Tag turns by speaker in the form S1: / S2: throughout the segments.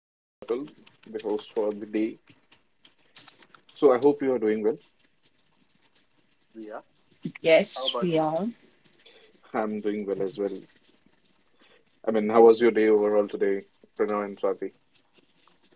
S1: this is Atul, the host for the day. So I hope you are doing well.
S2: Yeah. How
S3: Yes,
S2: about
S3: we
S2: you?
S3: are.
S1: I'm doing well as well. I mean, how was your day overall today, Pranav and Swati?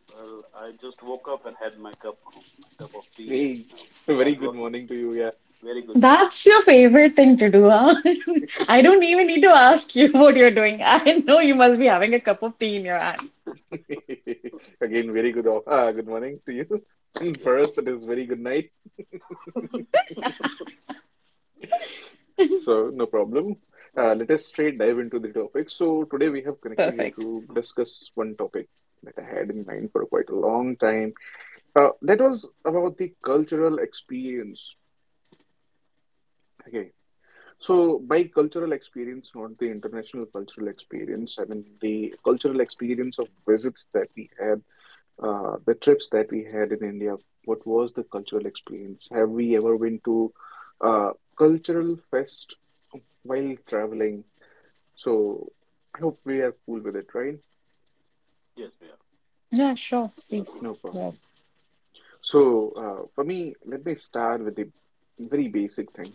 S2: Well, I just woke up and had my cup of tea
S1: Hey,
S2: and
S1: very
S2: started
S1: good
S2: working.
S1: morning to you.
S2: Very good morning.
S3: That's your favorite thing to do, huh? I
S1: Yeah.
S3: don't
S2: Yeah.
S3: even need to ask you what you're doing. I know you must be having a cup of tea in your hand.
S1: Again, very good. Ah, good morning to you. And
S2: Yes.
S1: for us, it is very good night.
S2: Mm,
S1: So no problem. Let us straight dive into the topic. So today
S2: mm.
S1: we have connected here
S3: Perfect.
S1: to discuss one topic that I had in mind for quite a long time. That was about the cultural experience. Okay, so by cultural experience, not the international cultural experience, I mean the cultural experience of visits that we had, the trips that we had in India. What was the cultural experience? Have we ever been to uh, cultural fest while traveling? So I hope we are cool with it, right?
S2: Yes, we are.
S3: Yeah, sure. Please.
S1: No
S3: Well,
S1: problem. So for me, let me start with the very basic thing,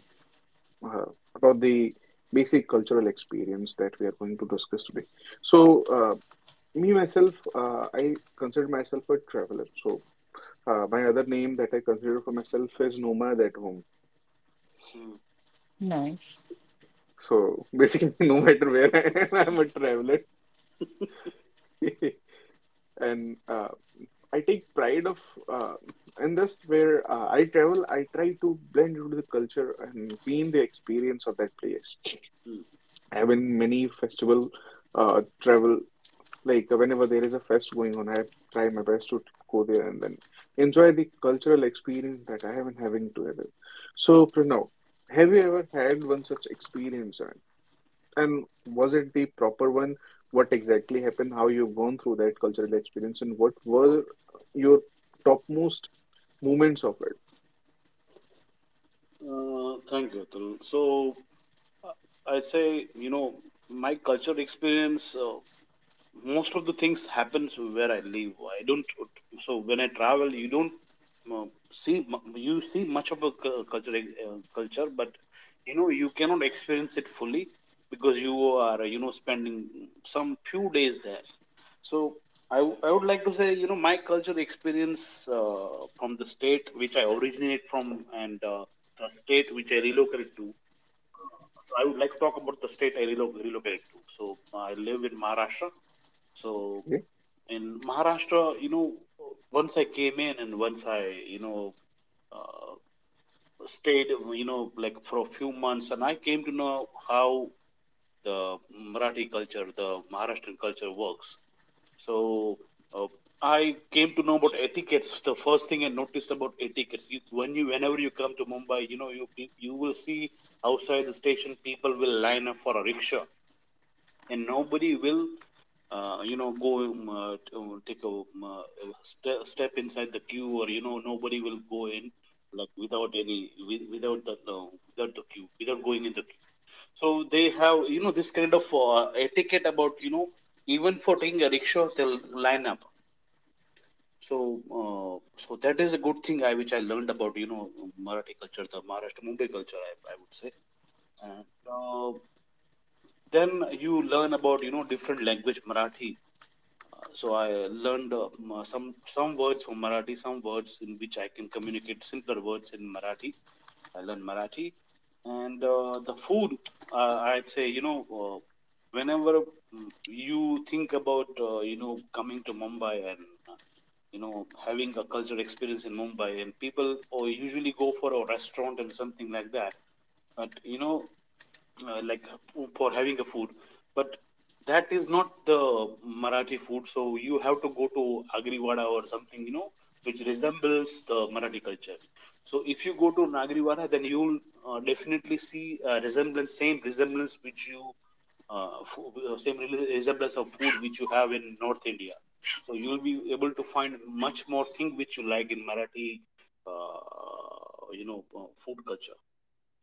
S1: uh, about the basic cultural experience that we are going to discuss today. So, me myself, I consider myself a traveler. So, my other name that I consider for myself is nomad at home.
S2: Mm,
S3: nice.
S1: So, basically, no matter where I am, I'm a traveler, and I take pride of, uh, and that's where I travel. I try to blend into the culture and be in the experience of that place.
S2: mm,
S1: I have been many festival, travel. Like, whenever there is a fest going on, I try my best to go there and then enjoy the cultural experience that I am having together. So, Pranav, have you
S2: mm.
S1: ever had one such experience, and was it the proper one? What exactly happened? How you've gone through that cultural experience, and what were your topmost moments of it?
S2: Thank you, Atul. So I say, you know, my cultural experience, most of the things happens where I live. I don't. So when I travel, you don't uh, see you see much of a culture, but you know you cannot experience it fully because you are you know spending some few days there. So I would like to say you know my culture experience from the state which I originate from, and the state which I relocate to. So I would like to talk about the state I relocated to. So I live in Maharashtra. So
S1: Okay.
S2: in Maharashtra, you know, once I came in and you know, uh, stayed, you know, like for a few months, and I came to know how the Marathi culture, the Maharashtrian culture works. So uh, I came to know about etiquettes. The first thing I noticed about etiquettes, when you whenever you come to Mumbai, you know, you will see outside the station people will line up for a rickshaw, and nobody will, you know, go t- take a step inside the queue, or you know nobody will go in like without the without the queue without going in the queue. So they have, you know, this kind of etiquette about, you know, even for taking a rickshaw they'll line up so uh, so that is a good thing which I learned about, you know, Marathi culture, the Maharashtra Mumbai culture, I would say. And then you learn about, you know, different language Marathi. So I learned some words from Marathi, some words in which I can communicate, simpler words in Marathi. I learned Marathi. And the food, I'd say, you know, uh, whenever you think about, you know, coming to Mumbai and, uh, you know, having a cultural experience in Mumbai, and people or usually go for a restaurant and something like that, but you know, uh, like for having a food, but that is not the Marathi food, so you have to go to Agriwada or something, you know, which resembles the Marathi culture. So if you go to Nagriwada, then you'll definitely see resemblance same resemblance which you, same resemblance of food which you have in North India. So you'll be able to find much more thing which you like in Marathi, food culture.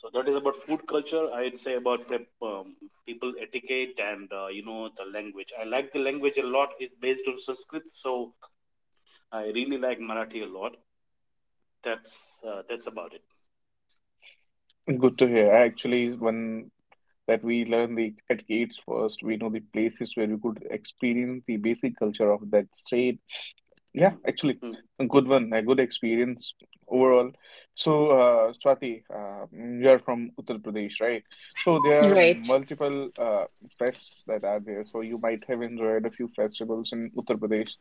S2: So that is about food culture. I'd say about people etiquette and, you know, the language. I like the language a lot. It's based on Sanskrit, so I really like Marathi a lot. That's about it.
S1: Good to hear. Actually, one, that we learn the exact gates first. We know the places where we could experience the basic culture of that state. Yeah, actually,
S2: Mm. Mm.
S1: a good one, a good experience overall. So, Swati, you're from Uttar Pradesh, right? So there are
S3: Right.
S1: multiple fests that are there. So you might have enjoyed a few festivals in Uttar Pradesh,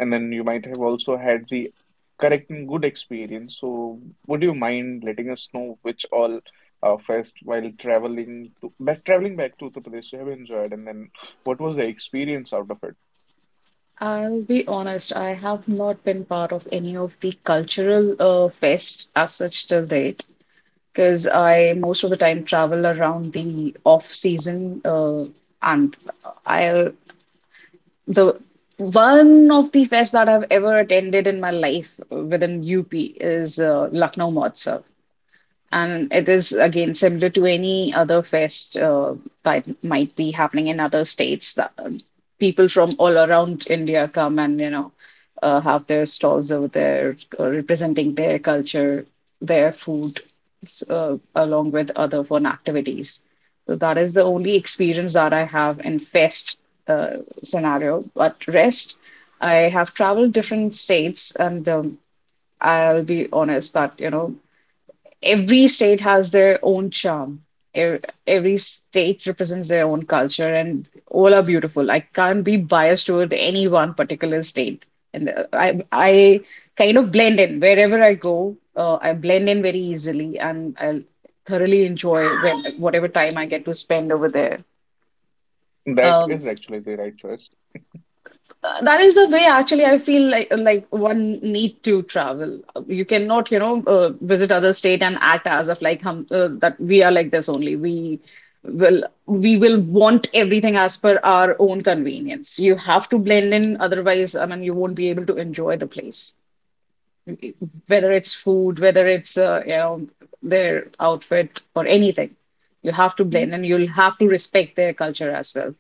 S1: and then you might have also had the correct and good experience. So would you mind letting us know which all first while traveling to back traveling back to Uttar Pradesh you have enjoyed, and then what was the experience out of it?
S3: I'll be honest, I have not been part of any of the cultural fest as such till date because I most of the time travel around the off season and I'll the one of the fest that I've ever attended in my life within UP is Lucknow Mahotsav. And it is again similar to any other fest that might be happening in other states. People from all around India come and have their stalls over there, representing their culture, their food, along with other fun activities. So that is the only experience that I have in fest scenario. But rest, I have traveled different states, and I'll be honest that every state has their own charm. Every state represents their own culture, and all are beautiful. I can't be biased toward any one particular state. And I kind of blend in wherever I go. I blend in very easily, and I'll thoroughly enjoy when whatever time I get to spend over there.
S1: That
S3: Um,
S1: is actually the right choice.
S3: that is the way actually I feel like one need to travel. You cannot, you know, visit other state and act as if like that we are like this only. We will want everything as per our own convenience. You have to blend in, otherwise, I mean, you won't be able to enjoy the place. Whether it's food, whether it's you know their outfit or anything, you have to blend and you'll have to respect their culture as well.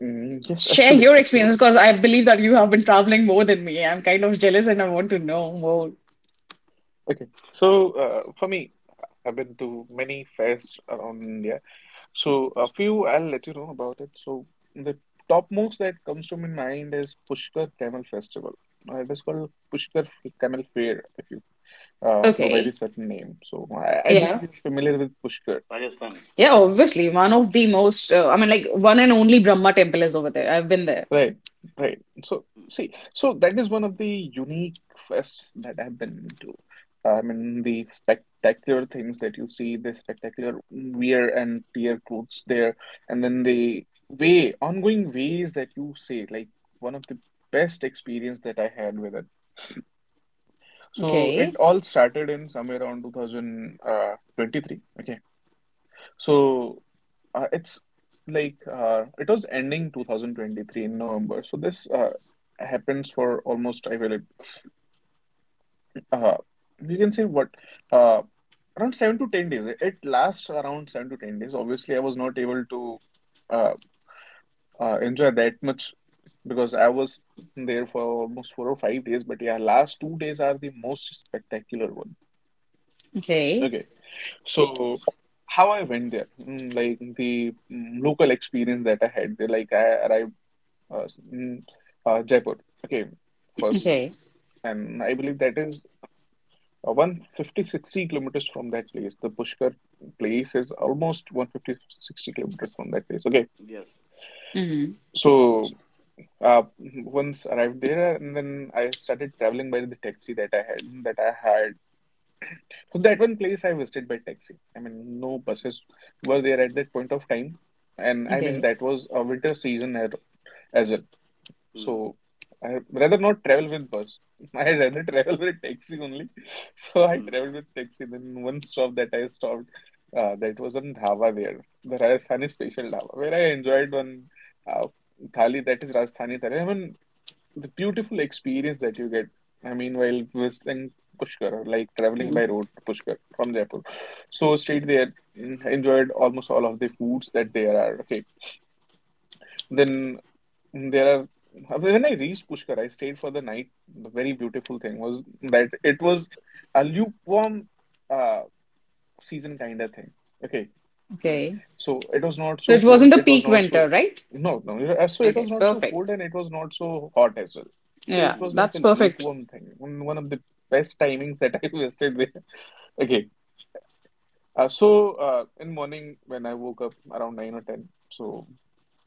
S1: Mm, yes,
S3: Share
S1: actually,
S3: your experiences
S1: absolutely.
S3: because I believe that you have been traveling more than me. I'm kind of jealous and I want to know more.
S1: Okay, so for me, I've been to many fairs around India. So a few, I'll let you know about it. So the topmost that comes to my mind is Pushkar Camel Festival. It is called Pushkar Camel Fair if you go by
S3: Okay.
S1: this certain name. So I
S3: Yeah.
S1: believe you're familiar with Pushkar.
S2: Rajasthan.
S3: Yeah, obviously. One of the most, I mean, like one and only Brahma temple is over there. I've been there.
S1: Right, right. So,
S2: Mm.
S1: see, so that is one of the unique fests that I've been to. I mean, the spectacular things that you see, the spectacular wear and tear clothes there, and then the way, ongoing ways that you say, like one of the best experience that I had with it. So it
S3: Okay,
S1: all started in somewhere around 2023. So it's like it was ending 2023 in November. So this happens for almost I will, uh, you can say what, uh, around 7 to 10 days. It lasts around 7 to 10 days. Obviously, I was not able to uh, enjoy that much because I was there for almost 4 or 5 days. But yeah, last 2 days are the most spectacular one.
S3: okay,
S1: Okay, so how I went there, like the local experience that I had there. Like I arrived in Jaipur. Okay, first,
S2: Mm.
S3: okay,
S1: and I believe that is 150 kilometers from that place. The Pushkar place is almost 150 60 kilometers from that place. Okay,
S2: Yes.
S3: hmm,
S1: so uh, once arrived there, and then I started traveling by the taxi that I had. So that one place I visited by taxi. I mean, no buses were there at that point of time. And I mean
S3: okay.
S1: that was a winter season as well.
S2: Mm.
S1: So I rather not travel with bus. I rather travel with taxi only. So I
S2: Mm.
S1: traveled with taxi. Then one stop that I stopped, that was on dhaba there, the Rajasthani special dhaba, where I enjoyed one uh, thali that is Rajasthani thali. I mean, the beautiful experience that you get. I mean, while visiting Pushkar, or like traveling
S3: Mm.
S1: by road to Pushkar from Jaipur. So stayed there, enjoyed almost all of the foods that there are. Okay. Then. And there are, when I reached Pushkar, I stayed for the night. The very beautiful thing was that it was a lukewarm uh, season kind of thing. Okay,
S2: Mm.
S3: Okay,
S1: so it was not
S3: so
S1: so
S3: it
S1: cold.
S3: wasn't a
S1: It was
S3: peak
S1: not
S3: winter,
S1: so,
S3: right?
S1: no, no. So it
S3: Okay,
S1: was not so
S3: perfect.
S1: cold and it was not so hot as well. So
S3: Yeah,
S1: it was
S2: Mm.
S1: like
S3: that's
S1: a
S3: perfect.
S1: lukewarm thing. One of the best timings that I wasted there. Okay, so in morning when I woke up around nine or ten. So,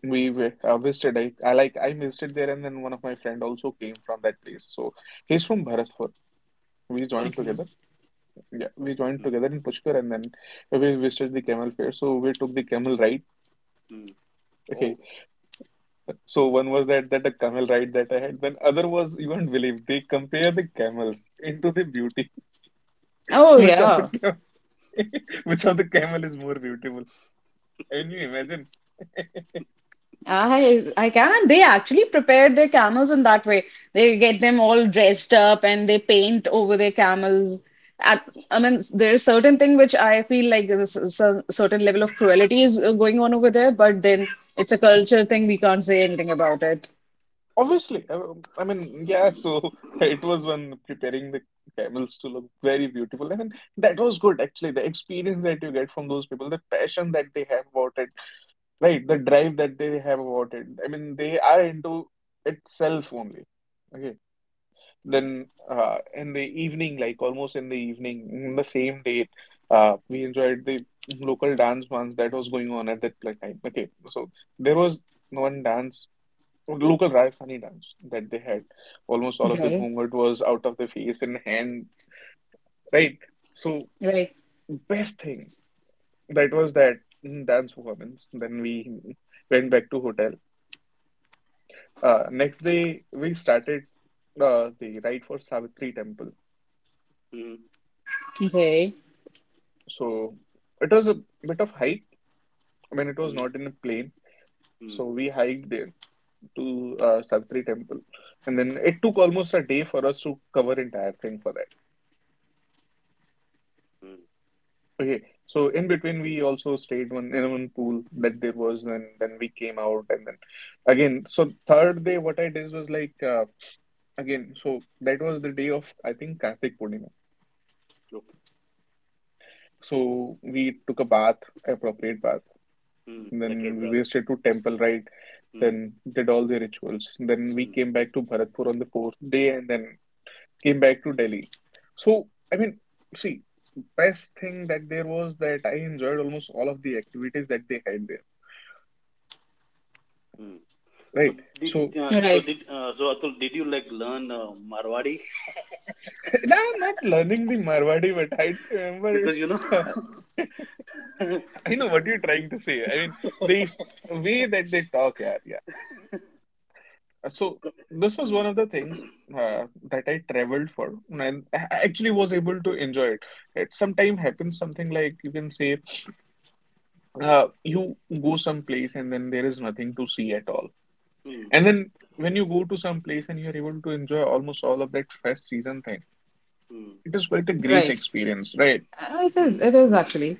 S1: Visited. I like I visited there, and then one of my friend also came from that place. So he's from Bharatpur. We joined
S2: Bharatpur.
S3: Okay.
S1: together. Yeah, we joined
S2: Mm.
S1: together in Pushkar, and then we visited the camel fair. So we took the camel ride.
S2: Mm. Oh.
S1: Okay, so one was that, a camel ride that I had. Then other was you won't believe they compare the camels into the beauty.
S3: Oh,
S1: So which of the
S3: yeah.
S1: cam which of the camel is more beautiful? Can you imagine?
S3: I can. And they actually prepare their camels in that way. They get them all dressed up and they paint over their camels. I mean, there's certain thing which I feel like there's a certain level of cruelty is going on over there, but then it's a culture thing. We can't say anything about it.
S1: Obviously, I mean, yeah, so it was when preparing the camels to look very beautiful. I mean, that was good actually. The experience that you get from those people, the passion that they have about it, right? The drive that they have about it. I mean, they are into itself only. Okay.
S2: Mm.
S1: Then in the evening, like almost in the evening, in the same day, we enjoyed the local dance ones that was going on at that time. Okay. So there was one dance local Rajasthani dance that they
S2: Mm.
S1: had. Almost all of the
S3: Okay.
S1: ghungat was out of the face and hand, right? So
S3: Right.
S1: best thing that was that, dance performance. Then we went back to hotel. Next day we started the ride for Savitri temple.
S2: Mm.
S3: Okay.
S1: So it was a bit of hike. I mean, it was
S2: Mm.
S1: not in a plane.
S2: Mm.
S1: So we hiked there to Savitri temple, and then it took almost a day for us to cover entire thing for that.
S2: Mm.
S1: Okay, so in between we also stayed one in one pool that there was, and then we came out, and then again. So third day, what I did was like again. So that was the day of I think Kartik Purnima.
S2: Okay.
S1: So we took a bath, appropriate bath,
S2: Mm.
S1: and then
S2: Sacred breath.
S1: we visited to temple, right?
S2: Mm.
S1: Then did all the rituals. Then we
S2: Mm.
S1: came back to Bharatpur on the fourth day, and then came back to Delhi. So I mean, see, best thing that there was that I enjoyed almost all of the activities that they had there.
S2: Mm. So
S1: Right.
S2: did
S1: So
S2: uh, so
S3: Right.
S2: did uh, so Atul, did you like learn Marwadi?
S1: now I'm not learning the Marwadi, but I don't remember.
S2: because you know
S1: I know what you're trying to say. I mean, the way that they talk, yeah, yeah. So this was
S2: Hmm.
S1: one of the things
S2: Hmm.
S1: that I traveled for, and I actually was able to enjoy it. It sometimes happens something like you can say, you go someplace and then there is nothing to see at all,
S2: Hmm.
S1: and then when you go to some place and you're able to enjoy almost all of that fest season thing,
S2: Hmm.
S1: it is quite a great
S3: Right.
S1: experience, right?
S3: It
S2: Hmm.
S3: is actually.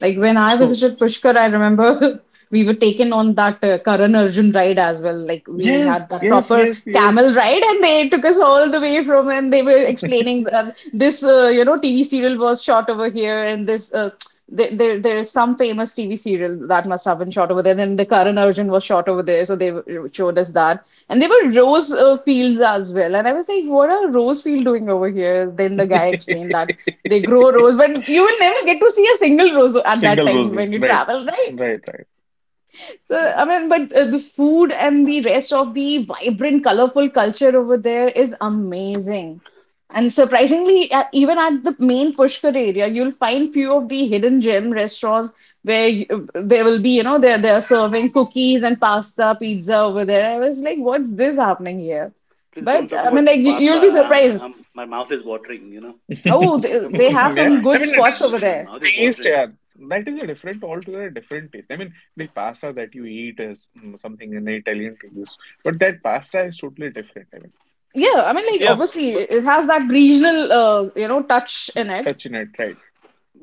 S3: Like when I
S1: So
S3: visited Pushkar, I remember we were taken on that Karan Arjun ride as well. Like we had
S1: yes,
S3: that
S1: yes,
S3: proper
S1: yes, yes.
S3: camel ride, and they took us all the way from, and they were explaining that this, you know, TV serial was shot over here, and there is some famous TV serial that must have been shot over there. Then the Karan Arjun was shot over there, so they were- showed us that. And there were rose fields as well. And I was like, what are rose field doing over here? Then the guy explained that they grow rose, but you will never get to see a single rose at that
S1: Single
S3: time
S1: roses.
S3: when you
S1: Right.
S3: travel, right?
S1: Right,
S3: So,
S1: right.
S3: I mean, but the food and the rest of the vibrant, colorful culture over there is amazing. And surprisingly, even at the main Pushkar area, you'll find few of the hidden gem restaurants where there will be, you know, they're serving cookies and pasta, pizza over there. I was like, what's this happening here?
S2: Please don't
S3: But
S2: talk
S3: I mean,
S2: about
S3: like you'll
S2: pasta
S3: be
S2: I'm,
S3: surprised.
S2: I'm my mouth is watering, you know.
S3: Oh,
S2: Don't talk
S3: they
S2: about
S3: have
S1: Yeah.
S2: pasta
S3: some
S1: I
S3: good
S1: mean, it
S2: and
S3: spots
S1: is
S3: over
S2: everything. My
S3: there.
S2: mouth is
S1: taste,
S2: watering.
S1: yeah. That is a different, altogether different taste. I mean, the pasta that you eat is something an Italian taste, but that pasta is totally different. I
S3: Yeah, I mean, like
S2: Yeah,
S1: mean,
S3: obviously
S2: but
S3: it has that regional, you know, touch
S1: a
S3: in it.
S1: touch in it, right?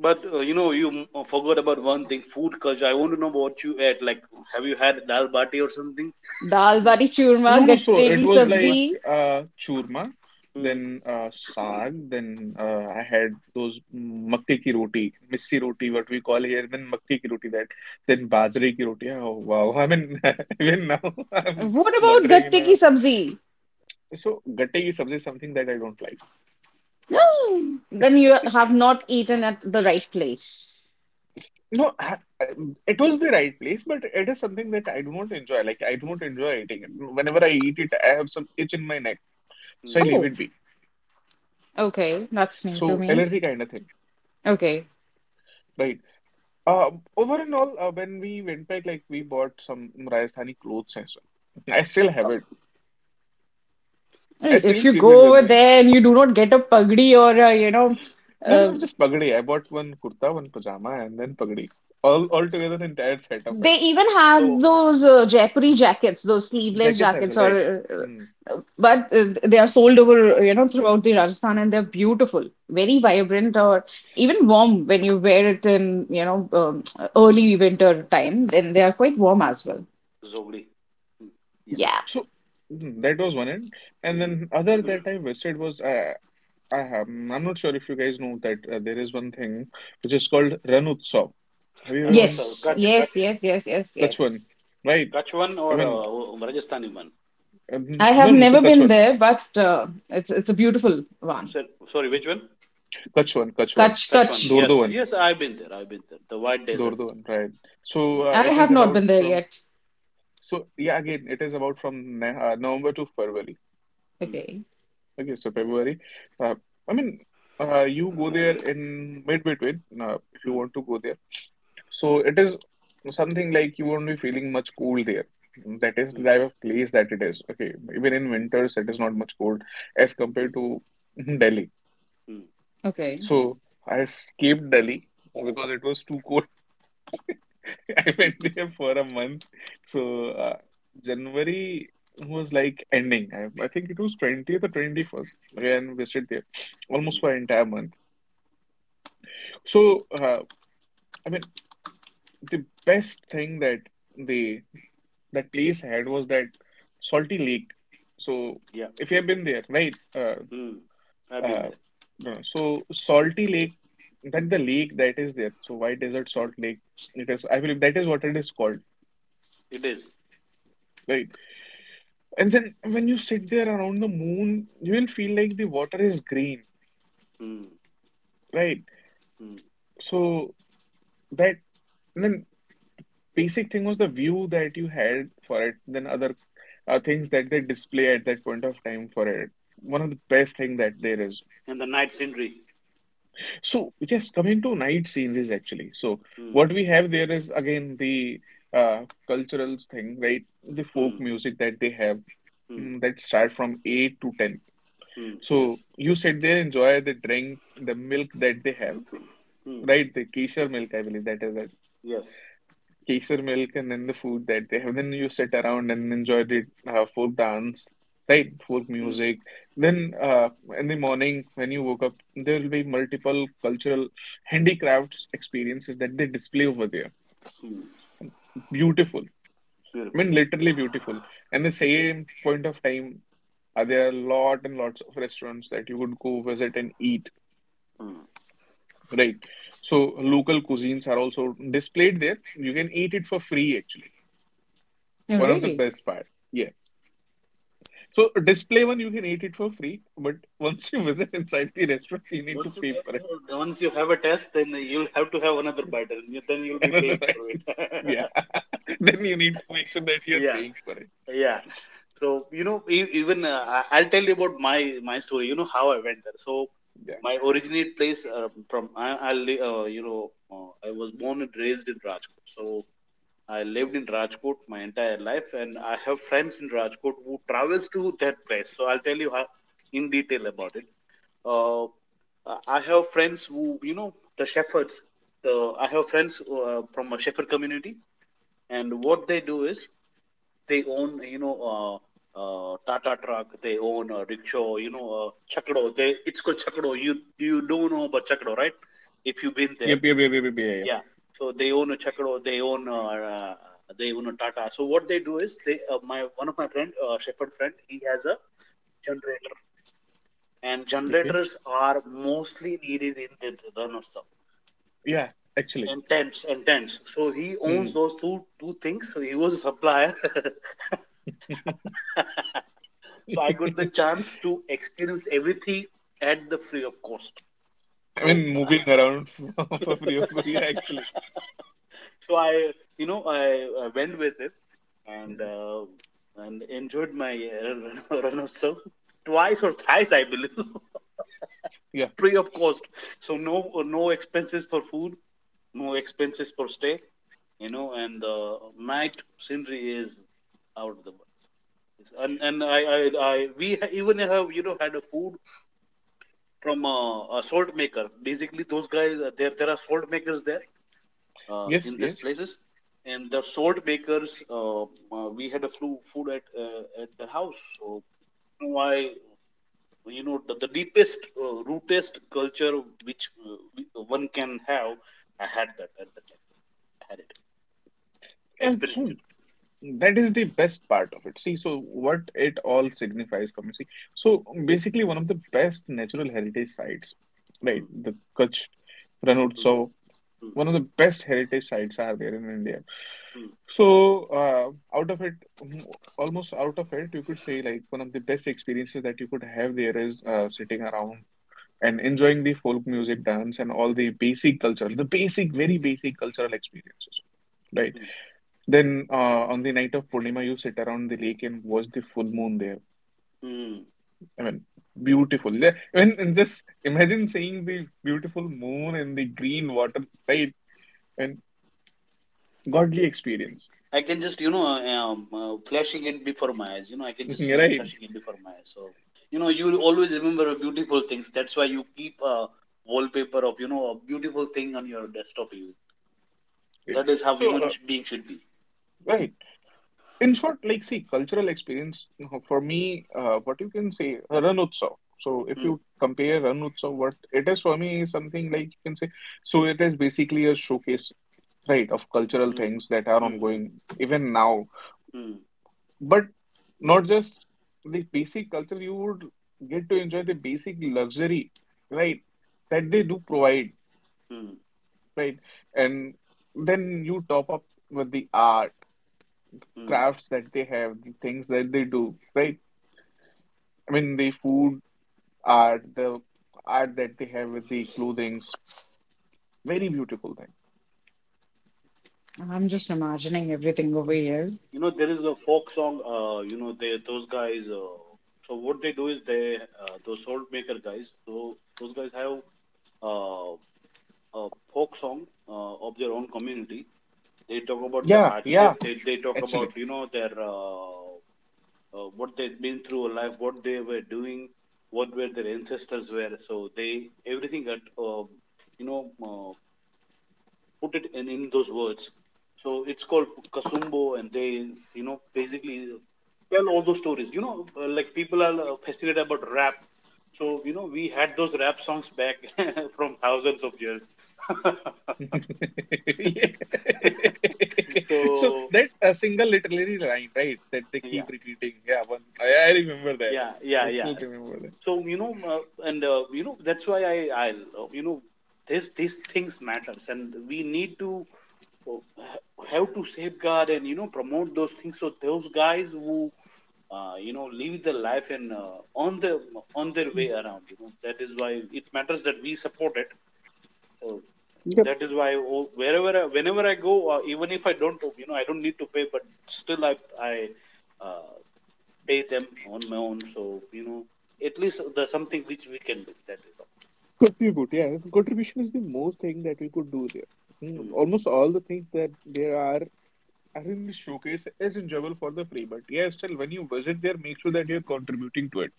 S2: but you know, forgot about one thing, food culture. I want to know what you ate, like have you had dal bati or something?
S3: Dal bati churma,
S1: No, no. So
S3: gatte
S1: it
S3: ki
S1: was
S3: sabzi.
S2: Churma?
S1: like churma,
S2: Hmm.
S1: then saag, then I had those makke ki roti, missi roti, what we call here, then makke ki roti that, then bajre ki roti. Oh, wow. I mean, even now I'm
S3: What about
S1: wondering. You
S3: gatte ki
S1: know,
S3: sabzi?
S1: so gatte ki sabzi is something that I don't like.
S3: No, then you have not eaten at the right place.
S1: No, I- it was the right place, but it is something that I do not enjoy. Like I do not enjoy eating it. Whenever I eat it, I have some itch in my neck, so I leave
S3: Oh,
S1: it be.
S3: okay, that's new to
S1: So
S3: me.
S1: allergy kind of thing,
S3: Okay,
S1: right? Uh, over and all, when we went back, like we bought some Rajasthani clothes as well. I still have it. I
S3: if
S1: still
S3: you
S1: keep it
S3: go
S1: with
S3: over
S1: me.
S3: there and you do not get a pagdi or a, you know,
S1: No, no, just pagdi. I bought one kurta, one pajama, and then pagdi. All together, the entire set of it.
S3: they even
S2: So,
S3: have those Jaipuri jackets, those sleeveless
S1: Jackets as
S3: jackets,
S1: well, right?
S3: or
S1: Mm.
S3: but they are sold over, you know, throughout the Rajasthan, and they're beautiful, very vibrant, or even warm when you wear it in, you know, early winter time. Then they are quite warm as well.
S2: Zogdi. Yeah.
S3: Yeah.
S1: So that was one end, and
S2: Mm.
S1: then other that I wasted was I have. I'm not sure if you guys know that there is one thing which is called Ran Utsav. Have you
S2: and
S1: ever
S2: what's
S1: been
S3: Yes.
S1: uh,
S2: Kutch, Kutch,
S3: Yes. Yes. Yes. Yes. Yes.
S1: Kachwan? Right?
S2: Kutch one
S1: I
S2: or
S1: mean,
S2: Rajasthani one?
S1: uh,
S3: I have
S1: no, no. So
S3: never been
S1: Kachwan.
S3: there, but it's a beautiful one.
S2: So- Sorry, which one?
S1: Kachchwan, Kachchwan,
S3: Kutch,
S2: Kutch one.
S3: Kutch.
S2: Yes,
S1: Dordovan,
S2: yes, I've been there. I've been there. The White Desert.
S1: Dordovan, right?
S2: Mm.
S1: So
S3: I
S1: it is
S3: have not
S1: about
S3: been there
S1: from
S3: yet.
S1: so yeah again it is about from November to February.
S2: Mm.
S3: Okay.
S1: Okay, so February. Uh, I mean, you go there in mid between if you
S2: Mm.
S1: want to go there. So it is something like you won't be feeling much cold there. That is the
S2: Mm.
S1: type of place that it is. Okay, even in
S2: Mm.
S1: winters it is not much cold as
S2: Mm.
S1: compared to Delhi.
S2: Mm.
S3: Okay.
S1: So I escaped Delhi because it was too cold. I went there for a month. So January was like ending. I think it was 20th or 21st when we stayed there,
S2: Mm.
S1: almost for an entire month. So I mean, the best thing that the that place had was that salty lake. So
S2: Yeah.
S1: if you have been there, right?
S2: Mm. I've been
S1: Uh,
S2: there.
S1: no, so salty lake, that the lake that is there. So why desert salt lake? It is, I believe that is what it is called,
S2: It is.
S1: right? And then when you sit there around the moon, you will feel like the water is green,
S2: Mm.
S1: right?
S2: Mm.
S1: So that and then basic thing was the view that you had for it, then other things that they display at that point of time for it. One of the best thing that there is.
S2: And the night scenery.
S1: So yes, coming to night sceneries actually. So
S2: Mm.
S1: what we have there is again the uh, cultural thing, right? The folk
S2: Mm.
S1: music that they have,
S2: Mm.
S1: that start from 8 to 10.
S2: Mm. Yes.
S1: So you sit there, enjoy the drink, the milk that they have.
S2: Mm.
S1: Right, the Kesar milk, I believe that is it.
S2: Yes.
S1: Kesar milk and then the food that they have. Then you sit around and enjoy the folk dance, right? Folk
S2: Mm.
S1: music. Then in the morning when you woke up, there will be multiple cultural handicrafts experiences that they display over there.
S2: Mm.
S1: Beautiful. I
S2: Beautiful.
S1: mean, literally beautiful. And the same point of time, there are lot and lots of restaurants that you would go visit and eat,
S2: Mm.
S1: right? So local cuisines are also displayed there. You can eat it for free, actually.
S3: Oh,
S1: One of the
S3: really?
S1: best part. Yeah. So display one, you can eat it for free, but once you visit inside the restaurant, you need to
S2: Once you
S1: pay
S2: test,
S1: for it.
S2: once you have a test, then you'll have to have another bite, and then you'll be
S1: Another,
S2: paying
S1: right?
S2: for it.
S1: Yeah. Then you need to make sure that you're
S2: Yeah,
S1: paying for it.
S2: yeah. So you know, even I'll tell you about my story. You know how I went there. So
S1: Yeah.
S2: my originate place from, you know, I was born and raised in Rajkot. So I lived in Rajkot my entire life, and I have friends in Rajkot who travels to that place. So I'll tell you how in detail about it. Uh, I have friends who, you know, the shepherds. The I have friends from a shepherd community, and what they do is they own, you know, Tata truck. They own a rickshaw. You know, chakdo. They, it's called chakdo. You do not know about chakdo, right? If you've been there,
S1: Yep, yep, yep, yep, yep, yeah, yeah.
S2: yeah. So they own a chakdo. They own a Tata. So what they do is they, my one of my friend, shepherd friend, he has a generator, and
S1: Okay.
S2: generators are mostly needed in the Run of Some,
S1: Yeah, actually.
S2: and tents and tents. So he owns
S1: Hmm.
S2: those two things. So he was a supplier. So I got the chance to experience everything at the free of cost.
S1: I
S2: So
S1: mean, moving around for, free free. Yeah, actually.
S2: so I, you know, I went with it and
S1: Hmm.
S2: uh, and enjoyed my Run of Some twice or thrice I believe.
S1: Yeah.
S2: Free of cost. So no, no expenses for food, no expenses for stay, you know, and the night scenery is out of the world. And I we even have, you know, had a food from, a salt maker. Basically, those guys, there, there are salt makers there
S1: Yes,
S2: in these
S1: yes.
S2: places, and the salt makers. We had a flu food at, at the house. So I, you know, the deepest rootest culture which, one can have, I had that at that time. I had it. I
S1: And
S2: experienced
S1: so
S2: it.
S1: that is the best part of it. See, so what it all signifies for me. See, so basically one of the best natural heritage sites, right?
S2: Hmm,
S1: The Kutch
S2: hmm,
S1: Ranotsav,
S2: hmm,
S1: one of the best heritage sites are there in India.
S2: hmm,
S1: So out of it, mm, almost out of it, you could say like one of the best experiences that you could have there is sitting around and enjoying the folk music, dance, and all the basic cultural, the basic, very basic cultural experiences, right?
S2: hmm,
S1: Then on the night of Purnima, you sit around the lake and watch the full moon there.
S2: hmm.
S1: I mean, beautiful. Yeah, I mean, and just imagine seeing the beautiful moon and the green water, right? And godly experience,
S2: I can just, you know, flashing it before my eyes, you know, I can just see it
S1: right?
S2: flashing it before my eyes. So you know, you always remember beautiful things. That's why you keep a wallpaper of, you know, a beautiful thing on your desktop even.
S1: Good.
S2: That is how
S1: So,
S2: human being should be.
S1: right. In short, like, see, cultural experience for me, what you can say, Ran Utsav. So, if
S2: Hmm,
S1: you compare Ran Utsav, what it is for me is something like you can say, so it is basically a showcase, right, of cultural
S2: hmm,
S1: things that are
S2: hmm, hmm,
S1: ongoing even now.
S2: hmm,
S1: But not just the basic culture, you would get to enjoy the basic luxury, right? That they do provide,
S2: hmm,
S1: right? And then you top up with the art,
S2: hmm.
S1: crafts that they have, the things that they do, right? I mean, the food art, the art that they have with the clothings, very beautiful thing.
S3: I'm just imagining everything over here.
S2: You know, there is a folk song. You know, they, those guys. So what they do is they, those salt maker guys. So those guys have uh, a folk song of their own community. They talk about their
S1: Yeah,
S2: hardship.
S1: yeah,
S2: They talk about,
S1: actually.
S2: you know, their, what they've been through in life, what they were doing, what were their ancestors were. So they everything at, you know uh, put it in those words. So it's called Kasumbo, and they, you know, basically tell all those stories. You know, like people are fascinated about rap. So, you know, we had those rap songs back from thousands of years.
S1: Yeah. So
S2: So,
S1: that a single literary line, right, that they
S2: yeah,
S1: keep repeating. Yeah, one I remember that.
S2: yeah, yeah,
S1: I
S2: yeah.
S1: still remember that.
S2: So, you know, you know, that's why you know, these things matters and we need to have to safeguard and, you know, promote those things. So those guys who, you know, live the life and, on the, on their
S1: Mm.
S2: way around, you know, that is why it matters that we support it. So
S1: Yeah,
S2: that is why, oh, whenever I go, even if I don't, you know, I don't need to pay, but still I uh, pay them on my own. So you know, at least there's something which we can do, that is all.
S1: contribute. Yeah, contribution is the most thing that we could do there. Mm,
S2: Mm,
S1: almost all the things that there are in the showcase is enjoyable for the free, but yeah, still when you visit there, make sure that you're contributing to it.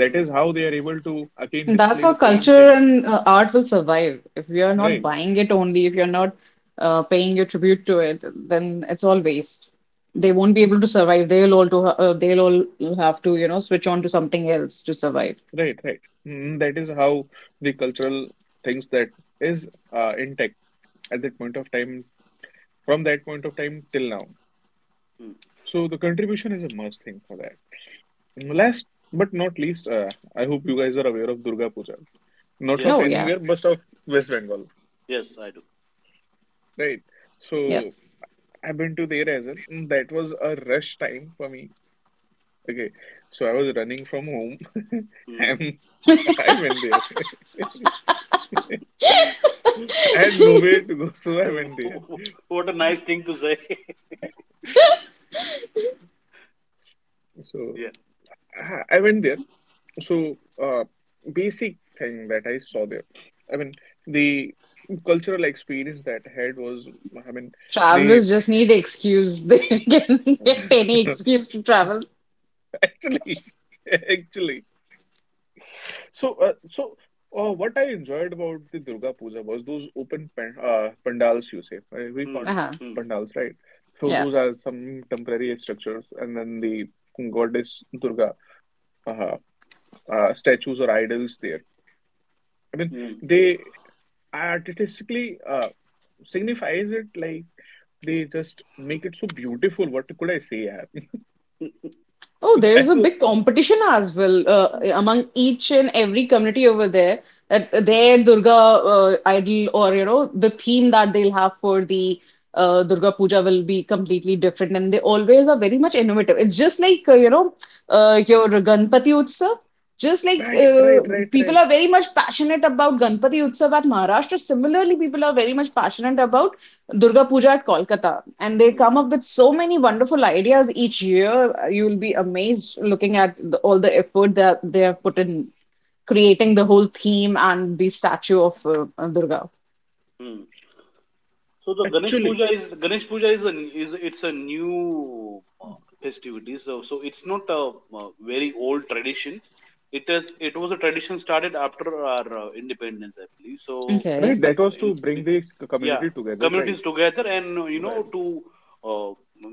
S1: That
S2: mm,
S1: is how they are able to again
S3: That's
S1: display
S3: how
S1: the same
S3: culture
S1: thing,
S3: and art will survive. If you're not
S2: mm,
S1: right?
S3: buying it only, if you're not paying your tribute to it, then it's all waste. They
S2: mm,
S3: won't be able to survive. They'll all have to, you know, switch on to something else to survive.
S1: Right, right. Mm, that is how the cultural things that is intact at that point of time, from that point of time till now.
S2: mm.
S1: So the contribution is a must thing for that. And last but not least, I hope you guys are aware of Durga Puja. Not of
S3: Oh
S2: Yes,
S3: yeah,
S1: anywhere, but of West Bengal,
S2: yes, I do.
S1: right?
S3: yeah.
S1: So I've been to there as well. Mm, that was a rush time for me. Okay, so I was running from home.
S2: Mm.
S1: I'm, I went there. I had nowhere to go, so I went there.
S2: What a nice thing to say.
S1: So
S2: Yeah.
S1: I went there. So uh, basic thing that I saw there. I mean, the cultural experience that I had was, I mean,
S3: Travelers
S1: the
S3: just need excuse. They can get any excuse to travel.
S1: actually, actually. So what I enjoyed about the Durga Puja was those open pan pandals you say. We
S2: Hmm.
S1: call
S3: Uh-huh.
S2: Hmm.
S1: pandals, right? So
S3: Yeah.
S1: those are some temporary structures, and then the goddess Durga, uh statues or idols there. I mean,
S2: Hmm.
S1: they artistically signifies it like they just make it so beautiful. What could I say, yaar?
S2: Hmm.
S3: Oh,
S1: I
S3: there's a
S1: go,
S3: big competition as well among each and every community over there. That their Durga idol or you know the theme that they'll have for the Durga Puja will be completely different, and they always are very much innovative. It's just like you know your Ganpati Utsav. Just like
S1: right, right, right,
S3: people
S1: right.
S3: are very much passionate about Ganpati Utsav at Maharashtra, similarly people are very much passionate about Durga Puja at Kolkata, and they
S2: Hmm.
S3: come up with so many wonderful ideas each year. You will be amazed looking at all the effort that they have put in creating the whole theme and the statue of Durga.
S2: Hmm. So the Ganesh
S1: Actually,
S2: Puja is, Ganesh Puja is a, is it's a new festivity. So, so it's not a very old tradition. It was a tradition started after our independence, I believe. So
S3: Okay.
S1: right, that was
S2: in,
S1: to bring this
S2: yeah,
S1: community together, right,
S2: communities together, and you
S1: right,
S2: know, to uh,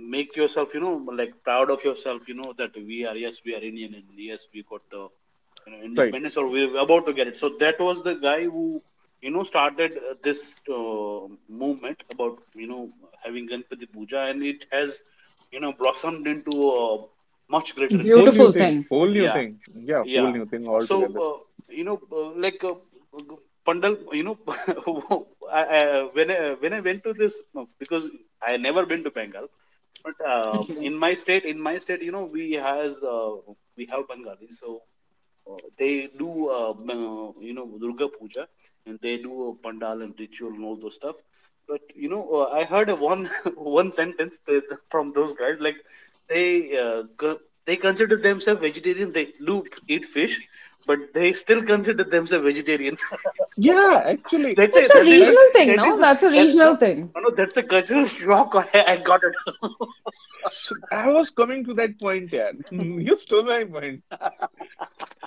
S2: make yourself, you know, like, proud of yourself, you know, that we are, yes, we are Indian, and yes, we got the, you know,
S1: right.
S2: independence, or we're about to get it. So that was the guy who, you know, started this movement about, you know, having Ganpati Puja, and it has, you know, blossomed into a much greater
S1: Whole
S2: thing.
S1: new
S3: Beautiful
S1: thing,
S3: thing.
S1: whole new
S2: Yeah,
S1: thing. Yeah, whole
S2: yeah.
S1: new thing
S2: So,
S1: altogether.
S2: you know, uh, like uh, pandal, you know, when when I went to this, because I never been to Bengal, but
S3: Okay.
S2: in in my state, you know, we have Bengali. So they do you know, Durga Puja, and they do a pandal and ritual and all those stuff. But you know, I heard a one one sentence that, from those guys, like they they consider themselves vegetarian. They do eat fish, but they still consider themselves vegetarian.
S1: Yeah, actually,
S2: that's a
S3: It's a
S1: so
S2: that is a,
S1: that,
S3: regional thing,
S2: that is
S3: no?
S2: a,
S3: That's a
S2: That no,
S3: regional thing.
S2: no, that's a cultural shock I got it.
S1: so I was coming to that point, yeah. You stole my point.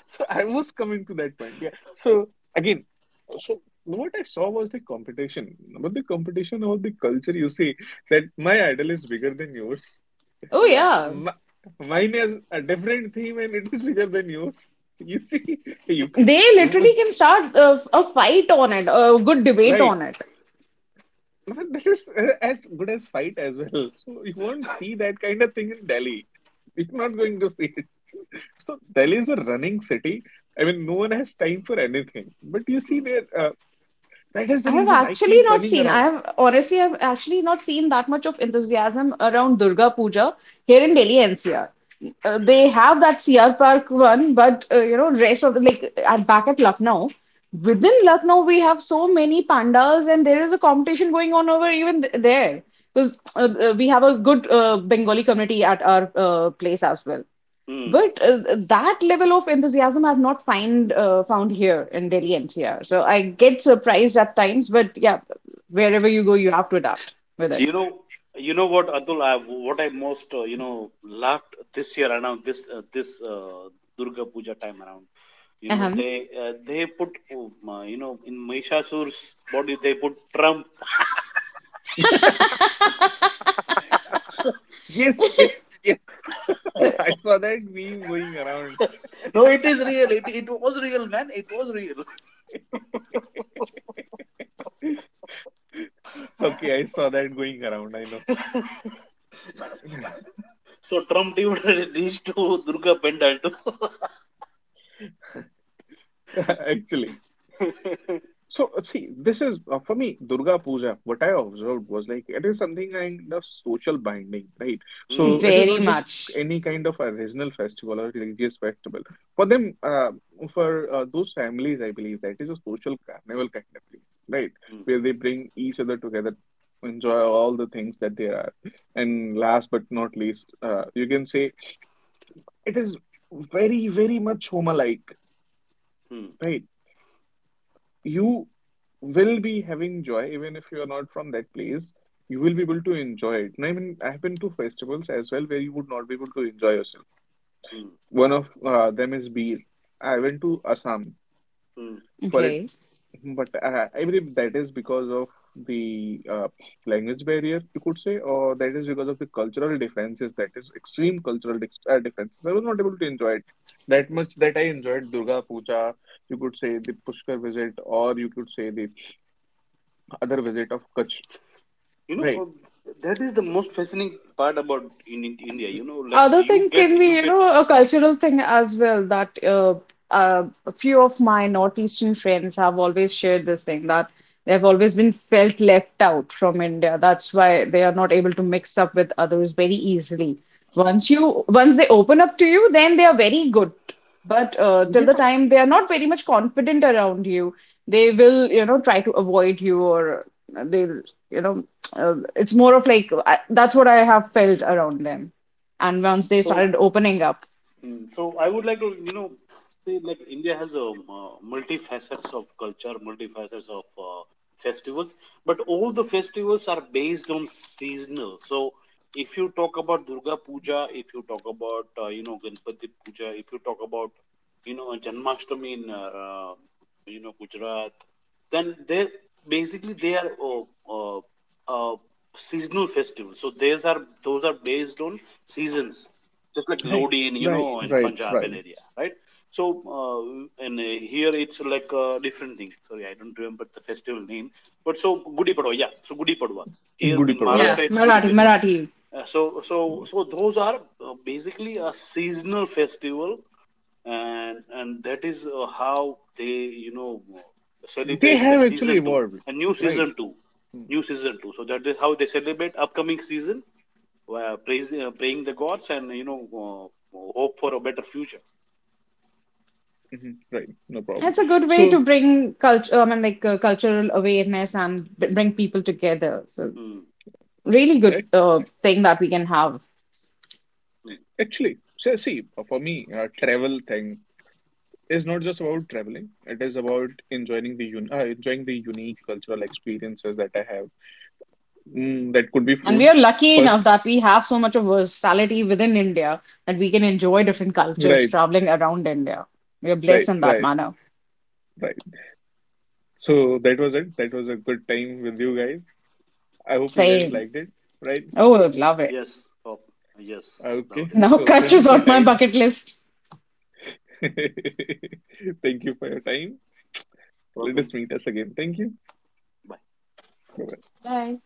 S1: So I was coming to that point. Yeah. So again, so no, what I saw was the competition, but the competition or the culture. You see that my idol is bigger than yours.
S3: Oh
S2: Yeah.
S3: yeah.
S1: My, mine has a different theme and it is bigger than yours. You see, you, ca-
S3: They
S1: you
S3: literally
S1: would-
S3: can start a fight on it, a good debate
S1: right.
S3: on it.
S1: Now, that is as good as fight as well. So you won't see that kind of thing in Delhi. You're not going to see it. So Delhi is a running city. I mean, no one has time for anything. But you see
S2: Mm.
S1: there, that is the reason I keep running
S3: I
S1: around.
S3: have honestly, I've actually not seen that much of enthusiasm around Durga Puja here in Delhi NCR. They have that CR Park one, but you know, rest of the like at back at Lucknow, within Lucknow, we have so many pandals, and there is a competition going on over even there because we have a good Bengali community at our place as well.
S2: Mm.
S3: But that level of enthusiasm I've not find found here in Delhi NCR. So I get surprised at times, but yeah, wherever you go, you have to adapt with it.
S2: You know, Atul, what I most you know, laughed this year, around this Durga Puja time around. You know,
S3: Uh-huh.
S2: they, they put, you know, in Mahishasura's body, they put Trump.
S1: Yes, yes, yes.
S3: Uh,
S1: I saw that meme going around.
S2: No, it is real. It was real, man. It was real.
S1: Okay, I saw that going around. I know.
S2: So Trump even reached to Durga Pendal too.
S1: Actually. So, see, this is for me, Durga Puja. What I observed was like it is something kind of social binding, right? So,
S2: Hmm,
S1: it is
S2: it
S3: very
S1: not
S2: is.
S1: just
S3: much.
S1: any kind of a regional festival or religious festival. For them, uh, for those families, I believe that is a social carnival kind of place, right?
S2: Hmm,
S1: Where they bring each other together, enjoy all the things that there are. And last but not least, you can say it is very, very much Homa-like,
S2: hmm,
S1: right? You will be having joy even if you are not from that place. You will be able to enjoy it, and I mean, I've been to festivals as well where you would not be able to enjoy yourself.
S2: hmm.
S1: One of them is beer. I went to Assam
S2: Mm.
S1: for it,
S3: Okay.
S1: but I believe that is because of the language barrier, you could say, or that is because of the cultural differences, that is extreme cultural differences. I was not able to enjoy it that much that I enjoyed Durga Puja, you could say the Pushkar visit, or you could say the other visit of Kutch.
S2: You know,
S1: Right.
S2: that is the most fascinating part about in India. You know, like
S3: Other
S2: you
S3: thing
S2: get,
S3: can be,
S2: you
S3: you
S2: get,
S3: know, a cultural thing as well that a few of my Northeastern friends have always shared this thing that they've always been felt left out from India. That's why they are not able to mix up with others very easily. Once they open up to you, then they are very good. But till the
S1: Yeah.
S3: time they are not very much confident around you, they will, you know, try to avoid you or they'll, you know, it's more of that's what I have felt around them. And once they
S2: so,
S3: started opening up,
S2: Mm. So I would like to, you know, say, like India has a, multifacets of culture, multifacets of festivals, but all the festivals are based on seasonal. So if you talk about Durga Puja, if you talk about, you know, Ganpati Puja, if you talk about, you know, Janmashtami in, you know, Gujarat, then they, basically they are uh, uh, seasonal festivals. So these are, those are based on seasons, just like
S1: Right.
S2: Lodi in, you
S1: Right.
S2: know, in
S1: Right.
S2: Punjab
S1: Right.
S2: and area, right? So and here it's like a different thing. Sorry, I don't remember the festival name, but so Gudi Padwa, yeah. So Gudi Padwa
S1: In
S2: here
S1: Gudi
S2: in
S1: Parva. Yeah.
S3: yeah.
S2: Maharashtra, it's Gudi
S3: Marathi,
S2: Padwa.
S1: Mm,
S3: Marathi.
S2: Uh, so so
S1: mm.
S2: so those are basically a seasonal festival, and that is how they, you know,
S1: They
S2: celebrate the
S1: have actually
S2: season two,
S1: evolved.
S2: a new
S1: Right.
S2: season two,
S1: Hmm.
S2: new season two. So that is how they celebrate upcoming season, praying the gods and, you know, hope for a better future.
S1: Mm-hmm. Right. No problem.
S3: It's a good way
S1: So
S3: to bring culture, I mean, like cultural awareness and bring people together. So,
S2: Mm.
S3: really good
S1: ac-
S3: thing that we can have.
S2: Mm.
S1: actually, so see, for me, travel thing is not just about traveling. It is about enjoying the enjoying the unique cultural experiences that I have. Mm, that could be
S3: And we
S1: food
S3: are lucky
S1: first.
S3: enough that we have so much of versatility within India that we can enjoy different cultures
S1: Right.
S3: traveling around India. We are blessed
S1: Right.
S3: in that
S1: Right.
S3: manner.
S1: Right. So that was it. That was a good time with you guys. I hope you guys
S3: Same.
S1: liked it. Right.
S3: Oh, love it.
S2: Yes, hope. Yes,
S1: Okay,
S2: loved it.
S3: Now,
S1: so
S3: Kutch
S1: thank you
S3: is
S2: Thank
S1: for your
S3: on
S2: you.
S3: my
S1: time.
S3: bucket list.
S1: Thank you for your time. Let
S2: Welcome.
S1: us meet us again. Thank you.
S2: Bye.
S1: Bye-bye.
S3: Bye.